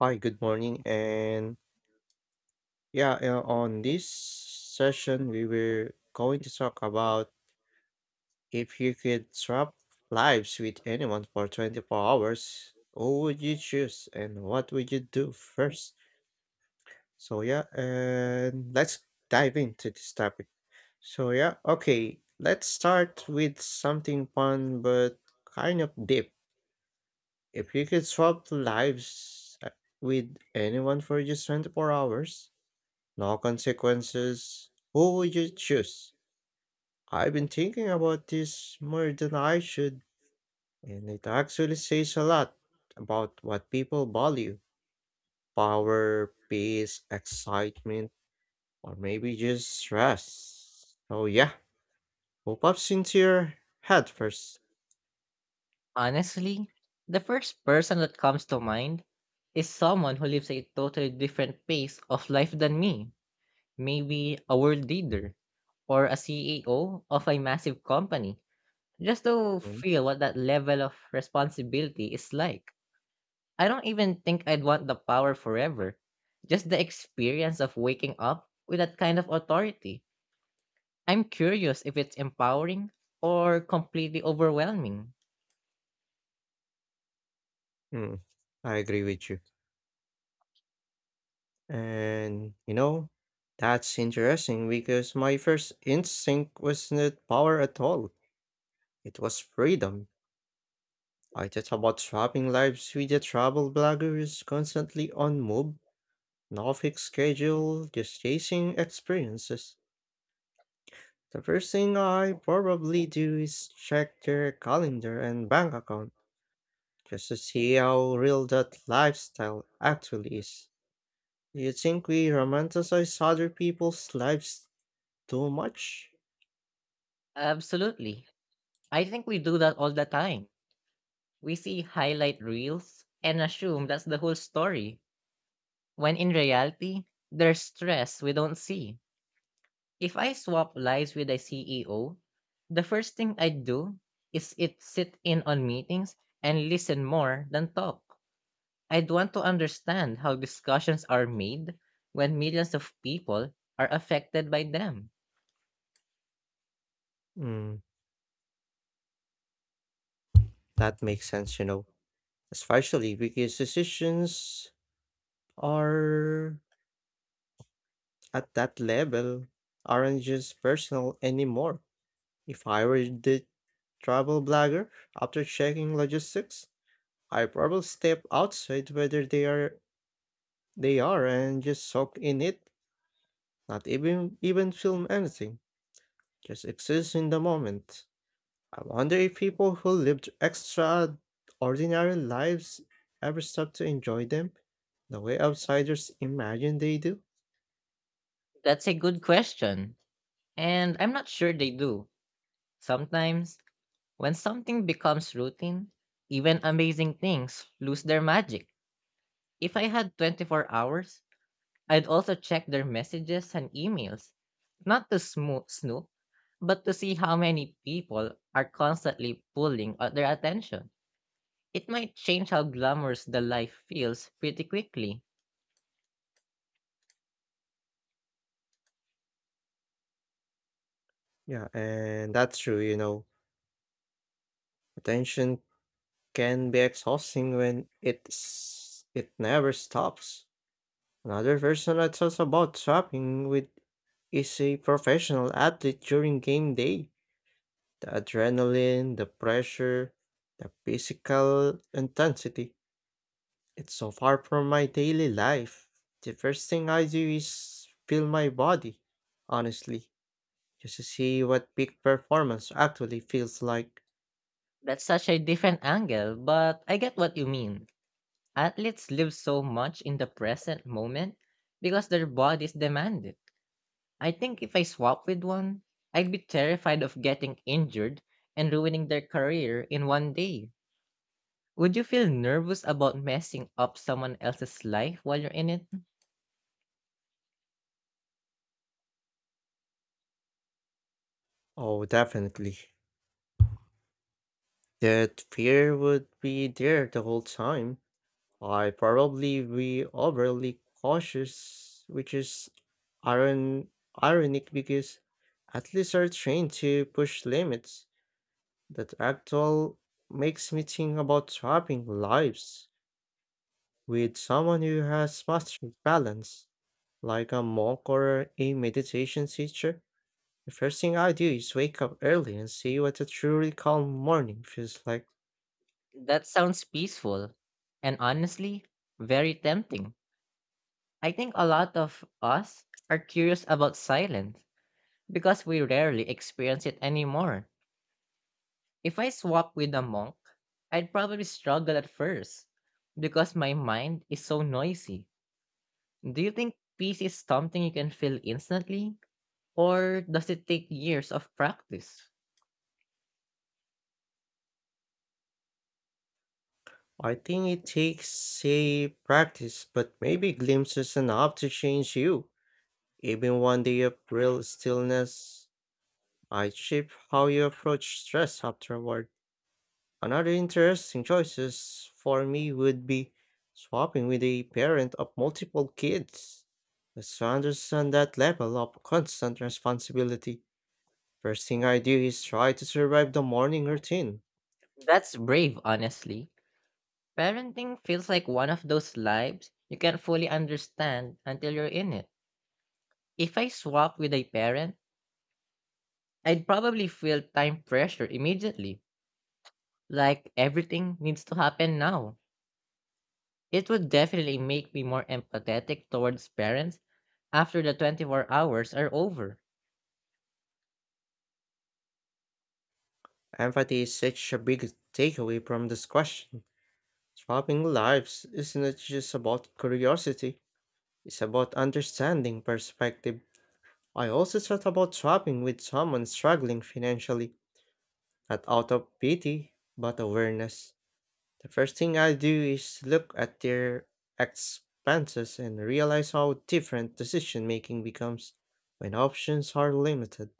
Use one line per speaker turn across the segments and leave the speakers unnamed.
Hi, good morning. On this session, we were going to talk about if you could swap lives with anyone for 24 hours, who would you choose and what would you do first? And let's dive into this topic. Okay, let's start with something fun but kind of deep. If you could swap lives uh, with anyone for just 24 hours, no consequences. Who would you choose? I've been thinking about this more than I should, and it actually says a lot about what people value: power, peace, excitement, or maybe just stress. What pops into your head first?
Honestly, the first person that comes to mind is someone who lives a totally different pace of life than me. Maybe a world leader or a CEO of a massive company, just to
Mm.
feel what that level of responsibility is like. I don't even think I'd want the power forever, just the experience of waking up with that kind of authority. I'm curious if it's empowering or completely overwhelming.
Mm, I agree with you. And, you know, that's interesting because my first instinct was not power at all, it was freedom. I thought about shopping lives with a travel blogger who's constantly on move, no fixed schedule, just chasing experiences. The first thing I probably do is check their calendar and bank account just to see how real that lifestyle actually is. Do you think we romanticize other people's lives too much?
Absolutely. I think we do that all the time. We see highlight reels and assume that's the whole story, when in reality, there's stress we don't see. If I swap lives with a CEO, the first thing I'd do is it sit in on meetings and listen more than talk. I'd want to understand how discussions are made when millions of people are affected by them.
Hmm, that makes sense, you know. Especially because decisions are at that level, aren't just personal anymore. If I were the travel blogger, after checking logistics, I probably step outside whether they are and just soak in it, not even film anything, just exist in the moment. I wonder if people who lived extraordinary lives ever stop to enjoy them the way outsiders imagine they do.
That's a good question, and I'm not sure they do. Sometimes, when something becomes routine, even amazing things lose their magic. If I had 24 hours, I'd also check their messages and emails, not to snoop, but to see how many people are constantly pulling at their attention. It might change how glamorous the life feels pretty quickly.
Yeah, and that's true, you know. Attention can be exhausting when it never stops. Another version I thought about swapping with is a professional athlete during game day. The adrenaline, the pressure, the physical intensity. It's so far from my daily life. The first thing I do is feel my body, honestly, just to see what peak performance actually feels like.
That's such a different angle, but I get what you mean. Athletes live so much in the present moment because their bodies demand it. I think if I swap with one, I'd be terrified of getting injured and ruining their career in 1 day. Would you feel nervous about messing up someone else's life while you're in it?
Oh, definitely. That fear would be there the whole time. I probably be overly cautious, which is iron ironic because athletes are trained to push limits. That actual makes me think about swapping lives with someone who has mastered balance, like a monk or a meditation teacher. The first thing I do is wake up early and see what a truly calm morning feels like.
That sounds peaceful and, honestly, very tempting. I think a lot of us are curious about silence because we rarely experience it anymore. If I swap with a monk, I'd probably struggle at first because my mind is so noisy. Do you think peace is something you can feel instantly, or does it take years of practice?
I think it takes a practice, but maybe glimpses enough to change you. Even one day of real stillness, I shape how you approach stress afterward. Another interesting choices for me would be swapping with a parent of multiple kids. Just to understand that level of constant responsibility. First thing I do is try to survive the morning routine.
That's brave, honestly. Parenting feels like one of those lives you can't fully understand until you're in it. If I swap with a parent, I'd probably feel time pressure immediately, like everything needs to happen now. It would definitely make me more empathetic towards parents after the 24 hours are over.
Empathy is such a big takeaway from this question. Swapping lives isn't just about curiosity, it's about understanding perspective. I also thought about swapping with someone struggling financially, not out of pity, but awareness. The first thing I do is look at their expenses and realize how different decision making becomes when options are limited.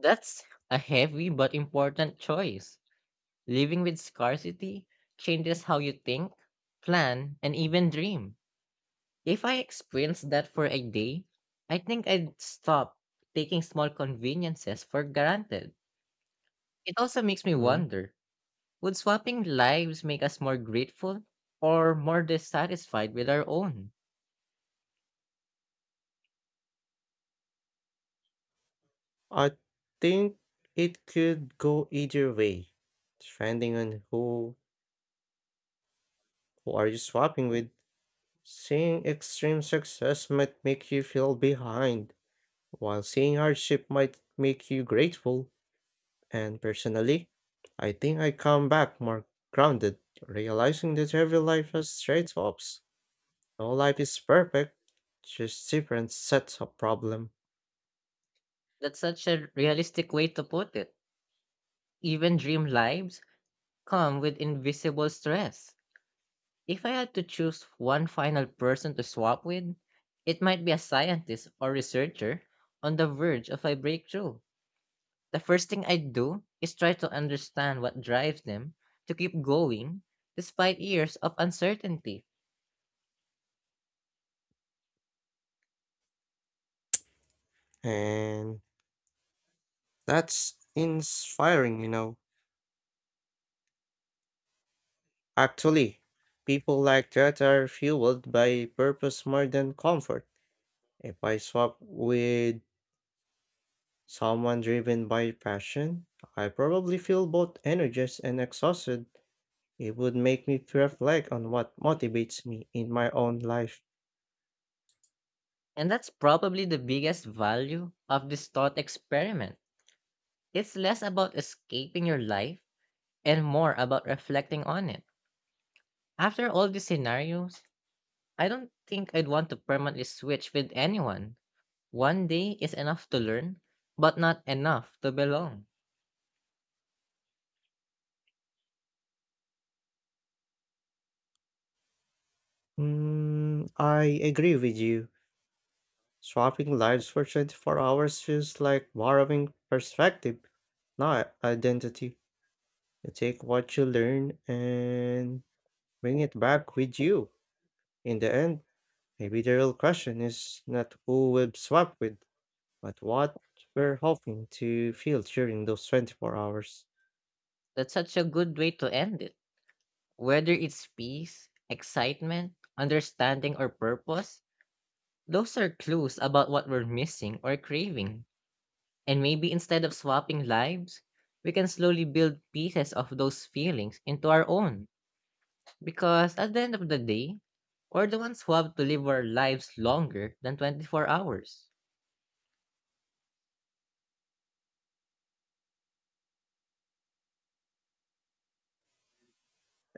That's a heavy but important choice. Living with scarcity changes how you think, plan, and even dream. If I experienced that for a day, I think I'd stop taking small conveniences for granted. It also makes me
Mm.
wonder, would swapping lives make us more grateful or more dissatisfied with our own?
I think it could go either way, depending on who are you swapping with. Seeing extreme success might make you feel behind, while seeing hardship might make you grateful. And personally, I think I come back more grounded, realizing that every life has trade-offs. No life is perfect, just different sets of problem.
That's such a realistic way to put it. Even dream lives come with invisible stress. If I had to choose one final person to swap with, it might be a scientist or researcher on the verge of a breakthrough. The first thing I'd do is try to understand what drives them to keep going despite years of uncertainty.
And that's inspiring, you know. Actually, people like that are fueled by purpose more than comfort. If I swap with someone driven by passion, I probably feel both energized and exhausted. It would make me to reflect on what motivates me in my own life.
And that's probably the biggest value of this thought experiment. It's less about escaping your life and more about reflecting on it. After all these scenarios, I don't think I'd want to permanently switch with anyone. 1 day is enough to learn, but not enough to belong.
Mm, I agree with you. Swapping lives for 24 hours feels like borrowing perspective, not identity. You take what you learn and bring it back with you. In the end, maybe the real question is not who we've swapped with, but what we're hoping to feel during those 24 hours.
That's such a good way to end it. Whether it's peace, excitement, understanding, or purpose, those are clues about what we're missing or craving. And maybe instead of swapping lives, we can slowly build pieces of those feelings into our own. Because at the end of the day, we're the ones who have to live our lives longer than 24 hours.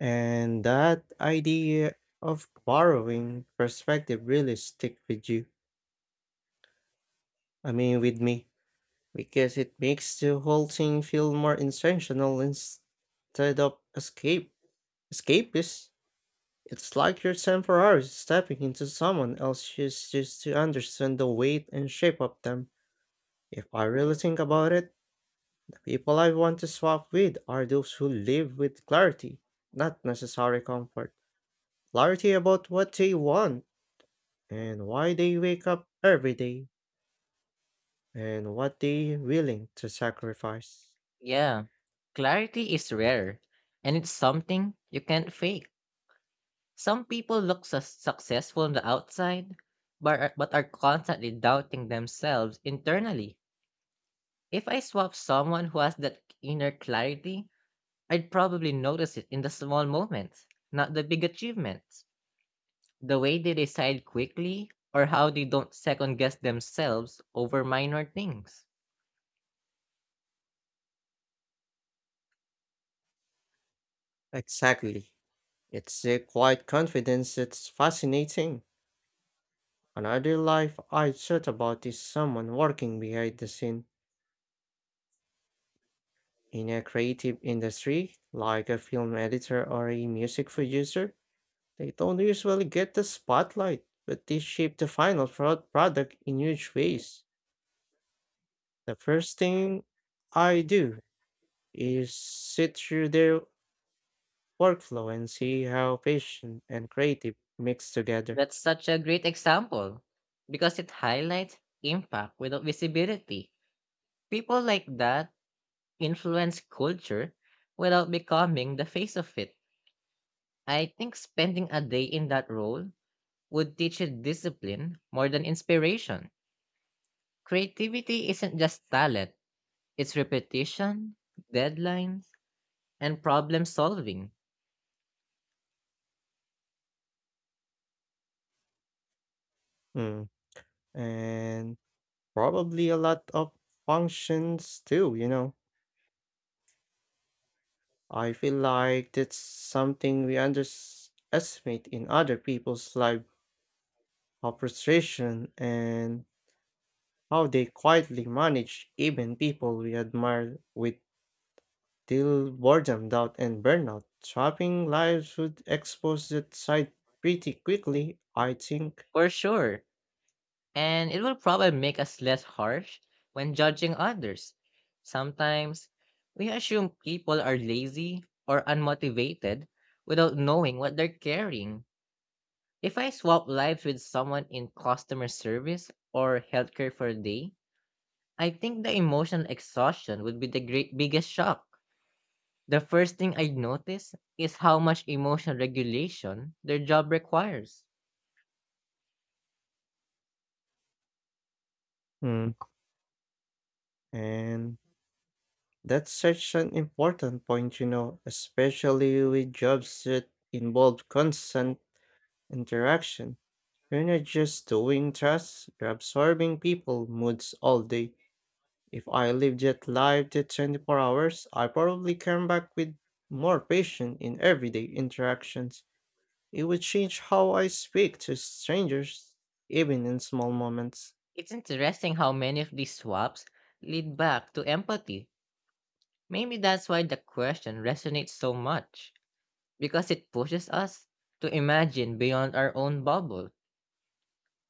And that idea of borrowing perspective really stick with you. I mean, with me, because it makes the whole thing feel more intentional instead of escape escapist. It's like you're temporarily stepping into someone else's shoes just to understand the weight and shape of them. If I really think about it, people I want to swap with are those who live with clarity, not necessary comfort. Clarity about what they want and why they wake up every day and what they're willing to sacrifice.
Yeah, clarity is rare, and it's something you can't fake. Some people look successful on the outside, but are constantly doubting themselves internally. If I swap someone who has that inner clarity, I'd probably notice it in the small moments, not the big achievements. The way they decide quickly, or how they don't second guess themselves over minor things.
Exactly. It's a quiet confidence that's fascinating. Another life I thought about is someone working behind the scene in a creative industry, like a film editor or a music producer. They don't usually get the spotlight, but they shape the final product in huge ways. The first thing I do is sit through their workflow and see how patient and creative mix together.
That's such a great example because it highlights impact without visibility. People like that influence culture without becoming the face of it. I think spending a day in that role would teach you discipline more than inspiration. Creativity isn't just talent, it's repetition, deadlines, and problem solving.
Mm. And probably a lot of functions too, you know. I feel like that's something we underestimate in other people's life, how frustration and how they quietly manage even people we admire with till boredom, doubt, and burnout. Trapping lives would expose that side pretty quickly, I think.
For sure, and it will probably make us less harsh when judging others. Sometimes we assume people are lazy or unmotivated without knowing what they're carrying. If I swap lives with someone in customer service or healthcare for a day, I think the emotional exhaustion would be the great biggest shock. The first thing I'd notice is how much emotional regulation their job requires.
Mm. And that's such an important point, you know, especially with jobs that involve constant interaction. You're not just doing tasks, you're absorbing people moods all day. If I lived that life to 24 hours, I probably came back with more patience in everyday interactions. It would change how I speak to strangers, even in small moments.
It's interesting how many of these swaps lead back to empathy. Maybe that's why the question resonates so much, because it pushes us to imagine beyond our own bubble.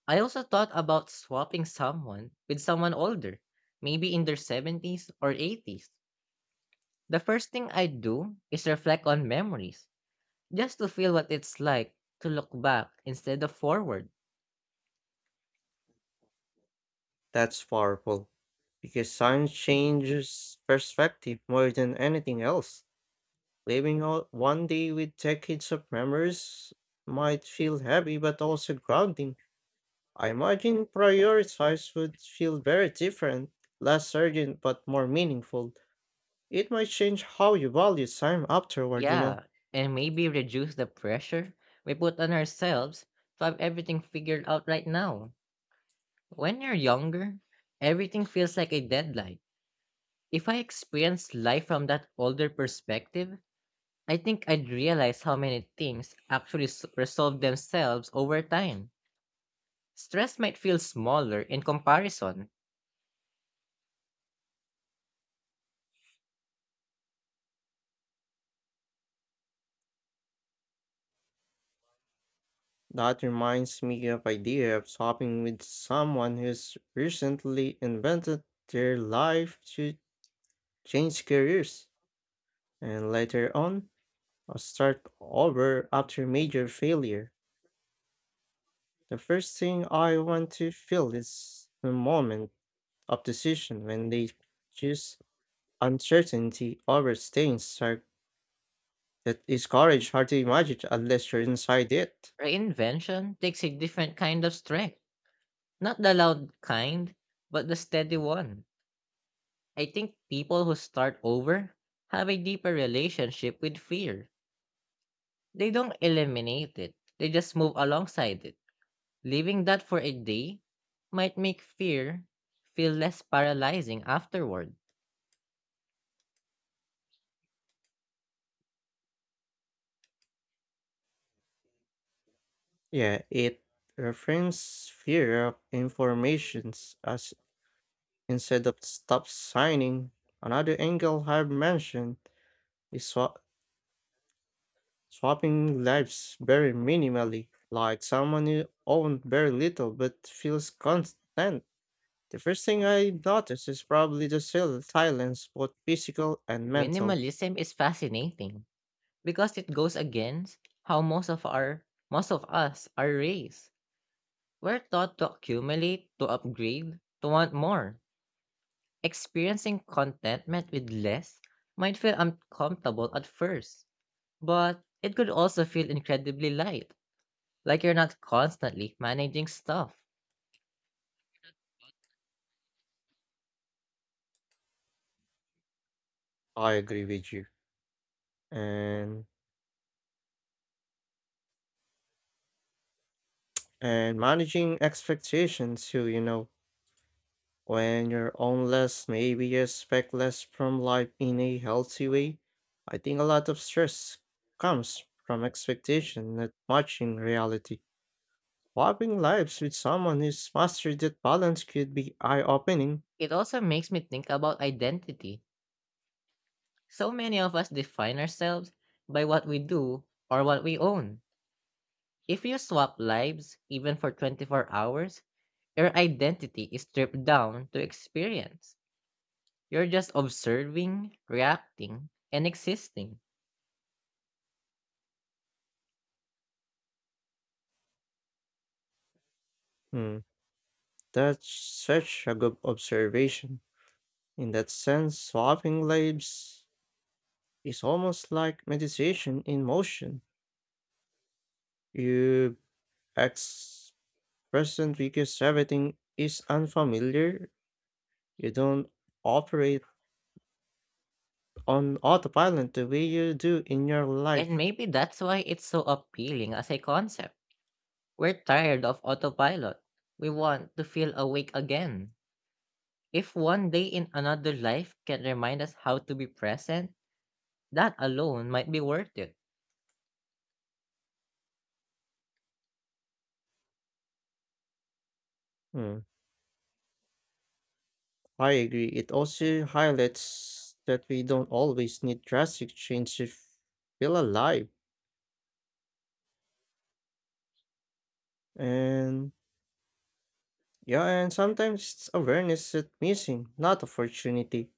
I also thought about swapping someone with someone older, maybe in their 70s or 80s. The first thing I do is reflect on memories, just to feel what it's like to look back instead of forward.
That's powerful. Because science changes perspective more than anything else. Living one day with decades of memories might feel heavy but also grounding. I imagine prioritize would feel very different, less urgent but more meaningful. It might change how you value time afterward, you know.
Yeah, and maybe reduce the pressure we put on ourselves to have everything figured out right now. When you're younger, everything feels like a deadline. If I experienced life from that older perspective, I think I'd realize how many things actually resolve themselves over time. Stress might feel smaller in comparison.
That reminds me of idea of shopping with someone who's recently invented their life to change careers, and later on, or start over after major failure. The first thing I want to feel is the moment of decision when they choose uncertainty over staying stuck. That is courage hard to imagine unless you're inside it.
Reinvention takes a different kind of strength, not the loud kind, but the steady one. I think people who start over have a deeper relationship with fear. They don't eliminate it, they just move alongside it. Leaving that for a day might make fear feel less paralyzing afterward.
Yeah, it reframes fear of informations as instead of stop signing. Another angle I've mentioned is swapping lives very minimally, like someone you own very little but feels constant. The first thing I notice is probably the silence, both physical and mental.
Minimalism is fascinating because it goes against how most of us are raised. We're taught to accumulate, to upgrade, to want more. Experiencing contentment with less might feel uncomfortable at first, but it could also feel incredibly light, like you're not constantly managing stuff.
I agree with you. And and managing expectations too, you know. When you're on less, maybe you expect less from life in a healthy way. I think a lot of stress comes from expectation, not much in reality. Swapping lives with someone who's mastered that balance could be eye opening.
It also makes me think about identity. So many of us define ourselves by what we do or what we own. If you swap lives, even for 24 hours, your identity is stripped down to experience. You're just observing, reacting, and existing.
Hmm, that's such a good observation. In that sense, swapping lives is almost like meditation in motion. You ex present because everything is unfamiliar. You don't operate on autopilot the way you do in your
And
life.
maybe that's why it's so appealing as a concept. We're tired of autopilot. We want to feel awake again. If 1 day in another life can remind us how to be present, that alone might be worth it.
Hmm, I agree. It also highlights that we don't always need drastic change to feel alive. And yeah, and sometimes it's awareness that's missing, not opportunity.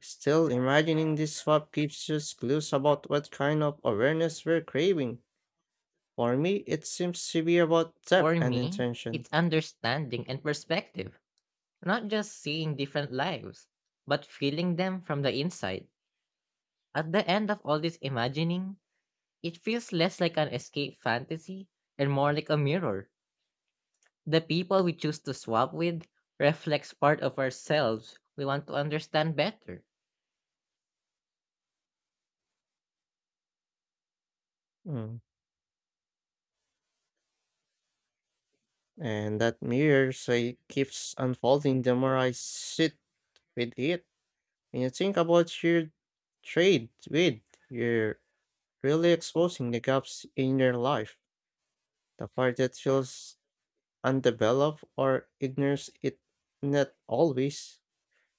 Still, imagining this swap gives us clues about what kind of awareness we're craving. For me, it seems to be about depth
For
and
me,
intention.
it's understanding and perspective, not just seeing different lives, but feeling them from the inside. At the end of all this imagining, it feels less like an escape fantasy and more like a mirror. The people we choose to swap with reflects part of ourselves we want to understand better.
Hmm. And that mirror say keeps unfolding the more I sit with it. When you think about your trade with, you're really exposing the gaps in your life. The part that feels undeveloped or ignores it not always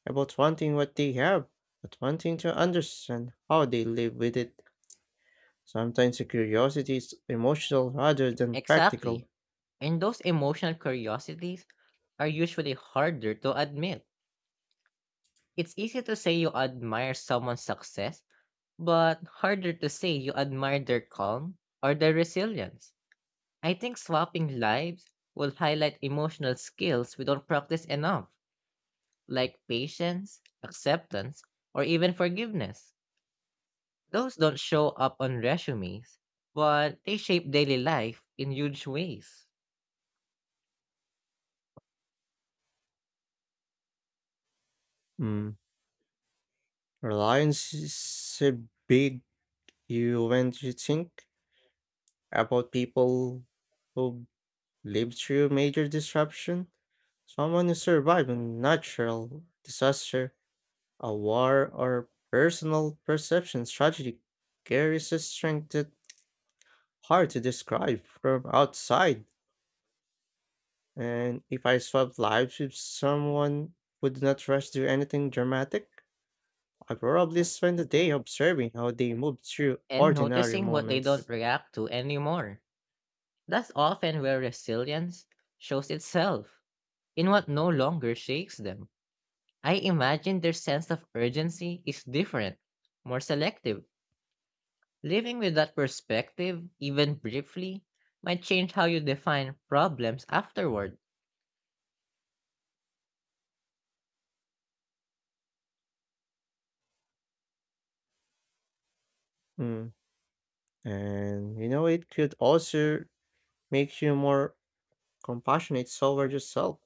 about wanting what they have, but wanting to understand how they live with it. Sometimes the curiosity is emotional rather than
Exactly.
practical.
And those emotional curiosities are usually harder to admit. It's easy to say you admire someone's success, but harder to say you admire their calm or their resilience. I think swapping lives will highlight emotional skills we don't practice enough, like patience, acceptance, or even forgiveness. Those don't show up on resumes, but they shape daily life in huge ways.
Mm. Reliance is a big. You when you think about people who lived through major disruption, someone who survived a natural disaster, a war, or personal perception tragedy carries a strength that hard to describe from outside. And if I swapped lives with someone who did not rush to anything dramatic, I probably spend the day observing how they moved through
And
ordinary
noticing what they
moments.
don't react to anymore. That's often where resilience shows itself, in what no longer shakes them. I imagine their sense of urgency is different, more selective. Living with that perspective, even briefly, might change how you define problems afterward.
Mm. And you know, it could also make you more compassionate toward yourself.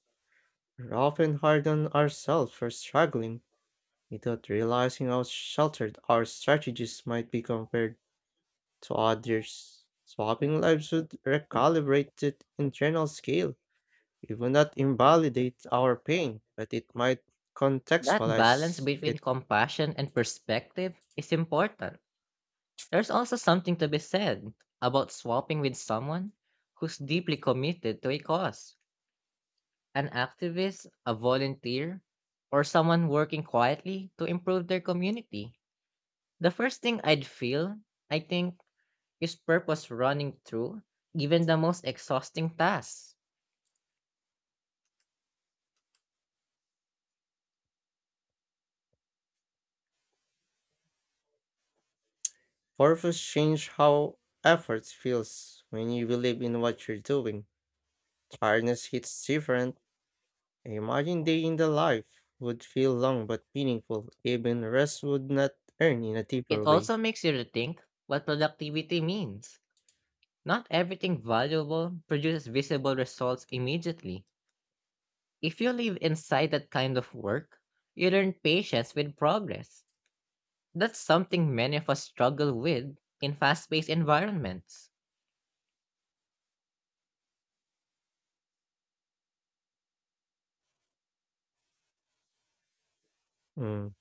We're often hard on ourselves for struggling without realizing how sheltered our strategies might be compared to others. Swapping lives would recalibrate the internal scale. It would not invalidate our pain, but it might
That balance
contextualize
between
it.
compassion and perspective is important. There's also something to be said about swapping with someone who's deeply committed to a cause, an activist, a volunteer, or someone working quietly to improve their community. The first thing I'd feel, I think, is purpose running through even the most exhausting tasks.
Purpose change how effort feels when you believe in what you're doing. Tiredness hits different. Imagine day in the life would feel long but meaningful. Even rest would not earn in a
It
deeper way.
also makes you rethink what productivity means. Not everything valuable produces visible results immediately. If you live inside that kind of work, you learn patience with progress. That's something many of us struggle with in fast paced environments.
Mm.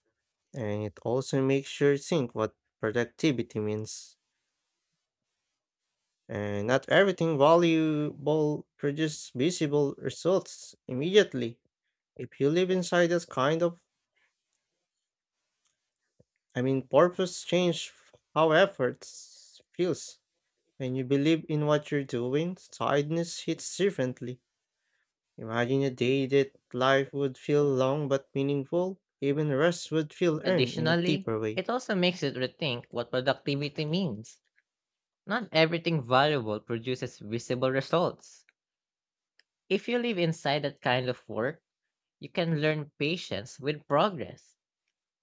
And it also makes you think what productivity means. And not everything valuable produces visible results immediately. If you live inside this kind of, I mean, purpose change how efforts feels. When you believe in what you're doing, tiredness hits differently. Imagine a day that life would feel long but meaningful, even rest would feel earned in a
Additionally,
deeper way.
it also makes you rethink what productivity means. Not everything valuable produces visible results. If you live inside that kind of work, you can learn patience with progress.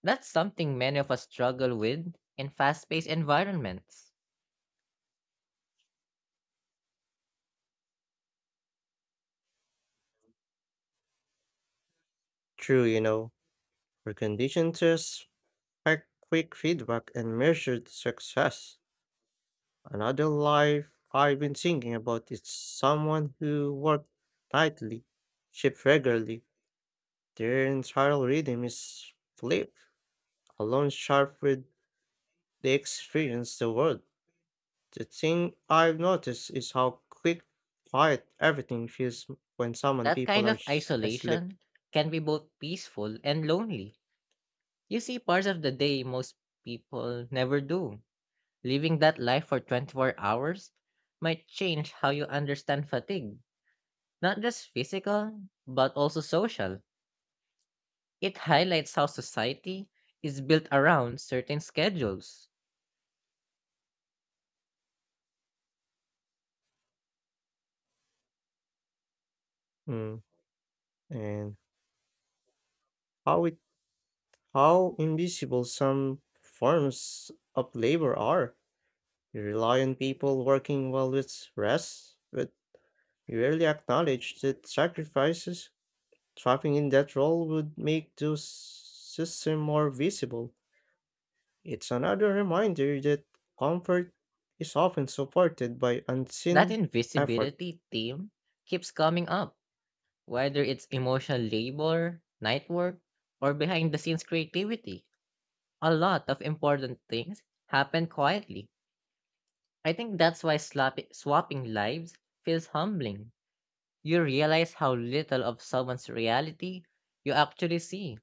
That's something many of us struggle with in fast paced environments.
True, you know, we're conditioned to expect quick feedback and measured success. Another life I've been thinking about is someone who worked tightly, shift regularly. Their entire rhythm is flipped, alone sharp with they experience the world. The thing I've noticed is how quick, quiet everything feels when some
That
people
kind
are
of
asleep.
isolation can be both peaceful and lonely. You see parts of the day most people never do. Living that life for 24 hours might change how you understand fatigue, not just physical, but also social. It highlights how society is built around certain schedules.
Mm. And how it, how invisible some forms of labor are. You rely on people working while it's rest, but you rarely acknowledge that sacrifices trapping in that role would make those system more visible. It's another reminder that comfort is often supported by
That
unseen effort.
invisibility theme keeps coming up, whether it's emotional labor, night work, or behind the scenes creativity. A lot of important things happen quietly. I think that's why swapping lives feels humbling. You realize how little of someone's reality you actually see.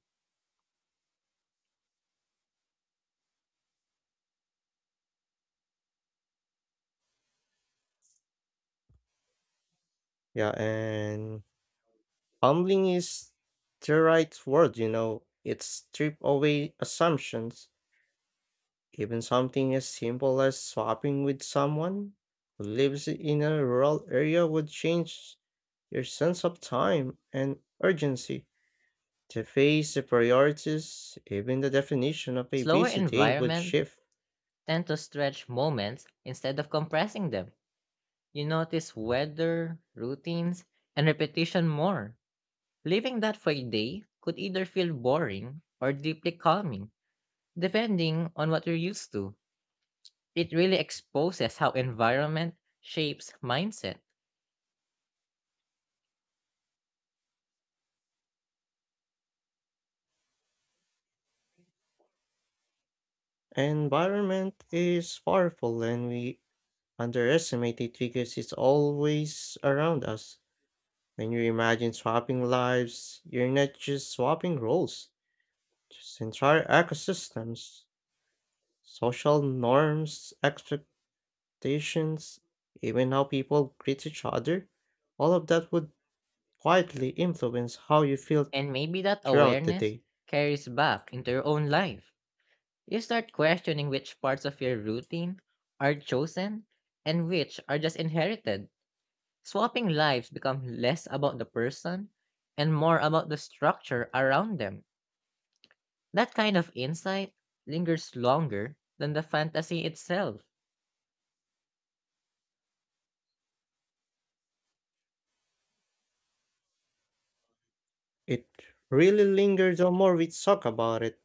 Yeah, and humbling is the right word, you know. It strip away assumptions. Even something as simple as swapping with someone who lives in a rural area would change your sense of time and urgency. The phase, the priorities, even the definition of a
Slower
busy day would
environments
shift.
tend to stretch moments instead of compressing them. You notice weather, routines, and repetition more. Living that for a day could either feel boring or deeply calming, depending on what you're used to. It really exposes how environment shapes mindset,
Environment is powerful and we underestimate it because it's always around us. When you imagine swapping lives, you're not just swapping roles, just entire ecosystems, social norms, expectations, even how people greet each other. All of that would quietly influence how you feel
and maybe that
throughout the
awareness
day.
carries back into your own life. You start questioning which parts of your routine are chosen and which are just inherited. Swapping lives become less about the person and more about the structure around them. That kind of insight lingers longer than the fantasy itself.
It really lingers the more we talk about it,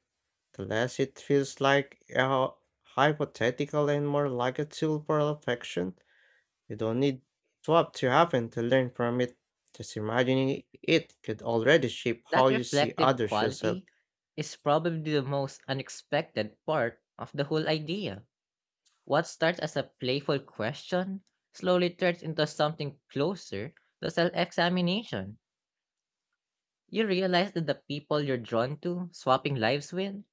the less it feels like a hypothetical and more like a tool for affection. You don't need swap to happen to learn from it. Just imagining it could already shape how
That
you see
reflective
others yourself.
quality is probably the most unexpected part of the whole idea. What starts as a playful question slowly turns into something closer to self examination. You realize that the people you're drawn to, swapping lives with,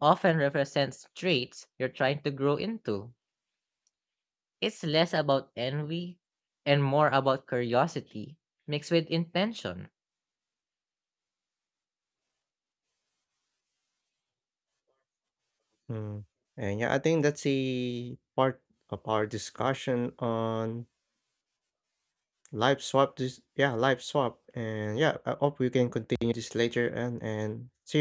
often represents traits you're trying to grow into. It's less about envy and more about curiosity mixed with intention.
Mm. And yeah, I think that's the part of our discussion on life swap. This yeah, life swap. And yeah, I hope we can continue this later and see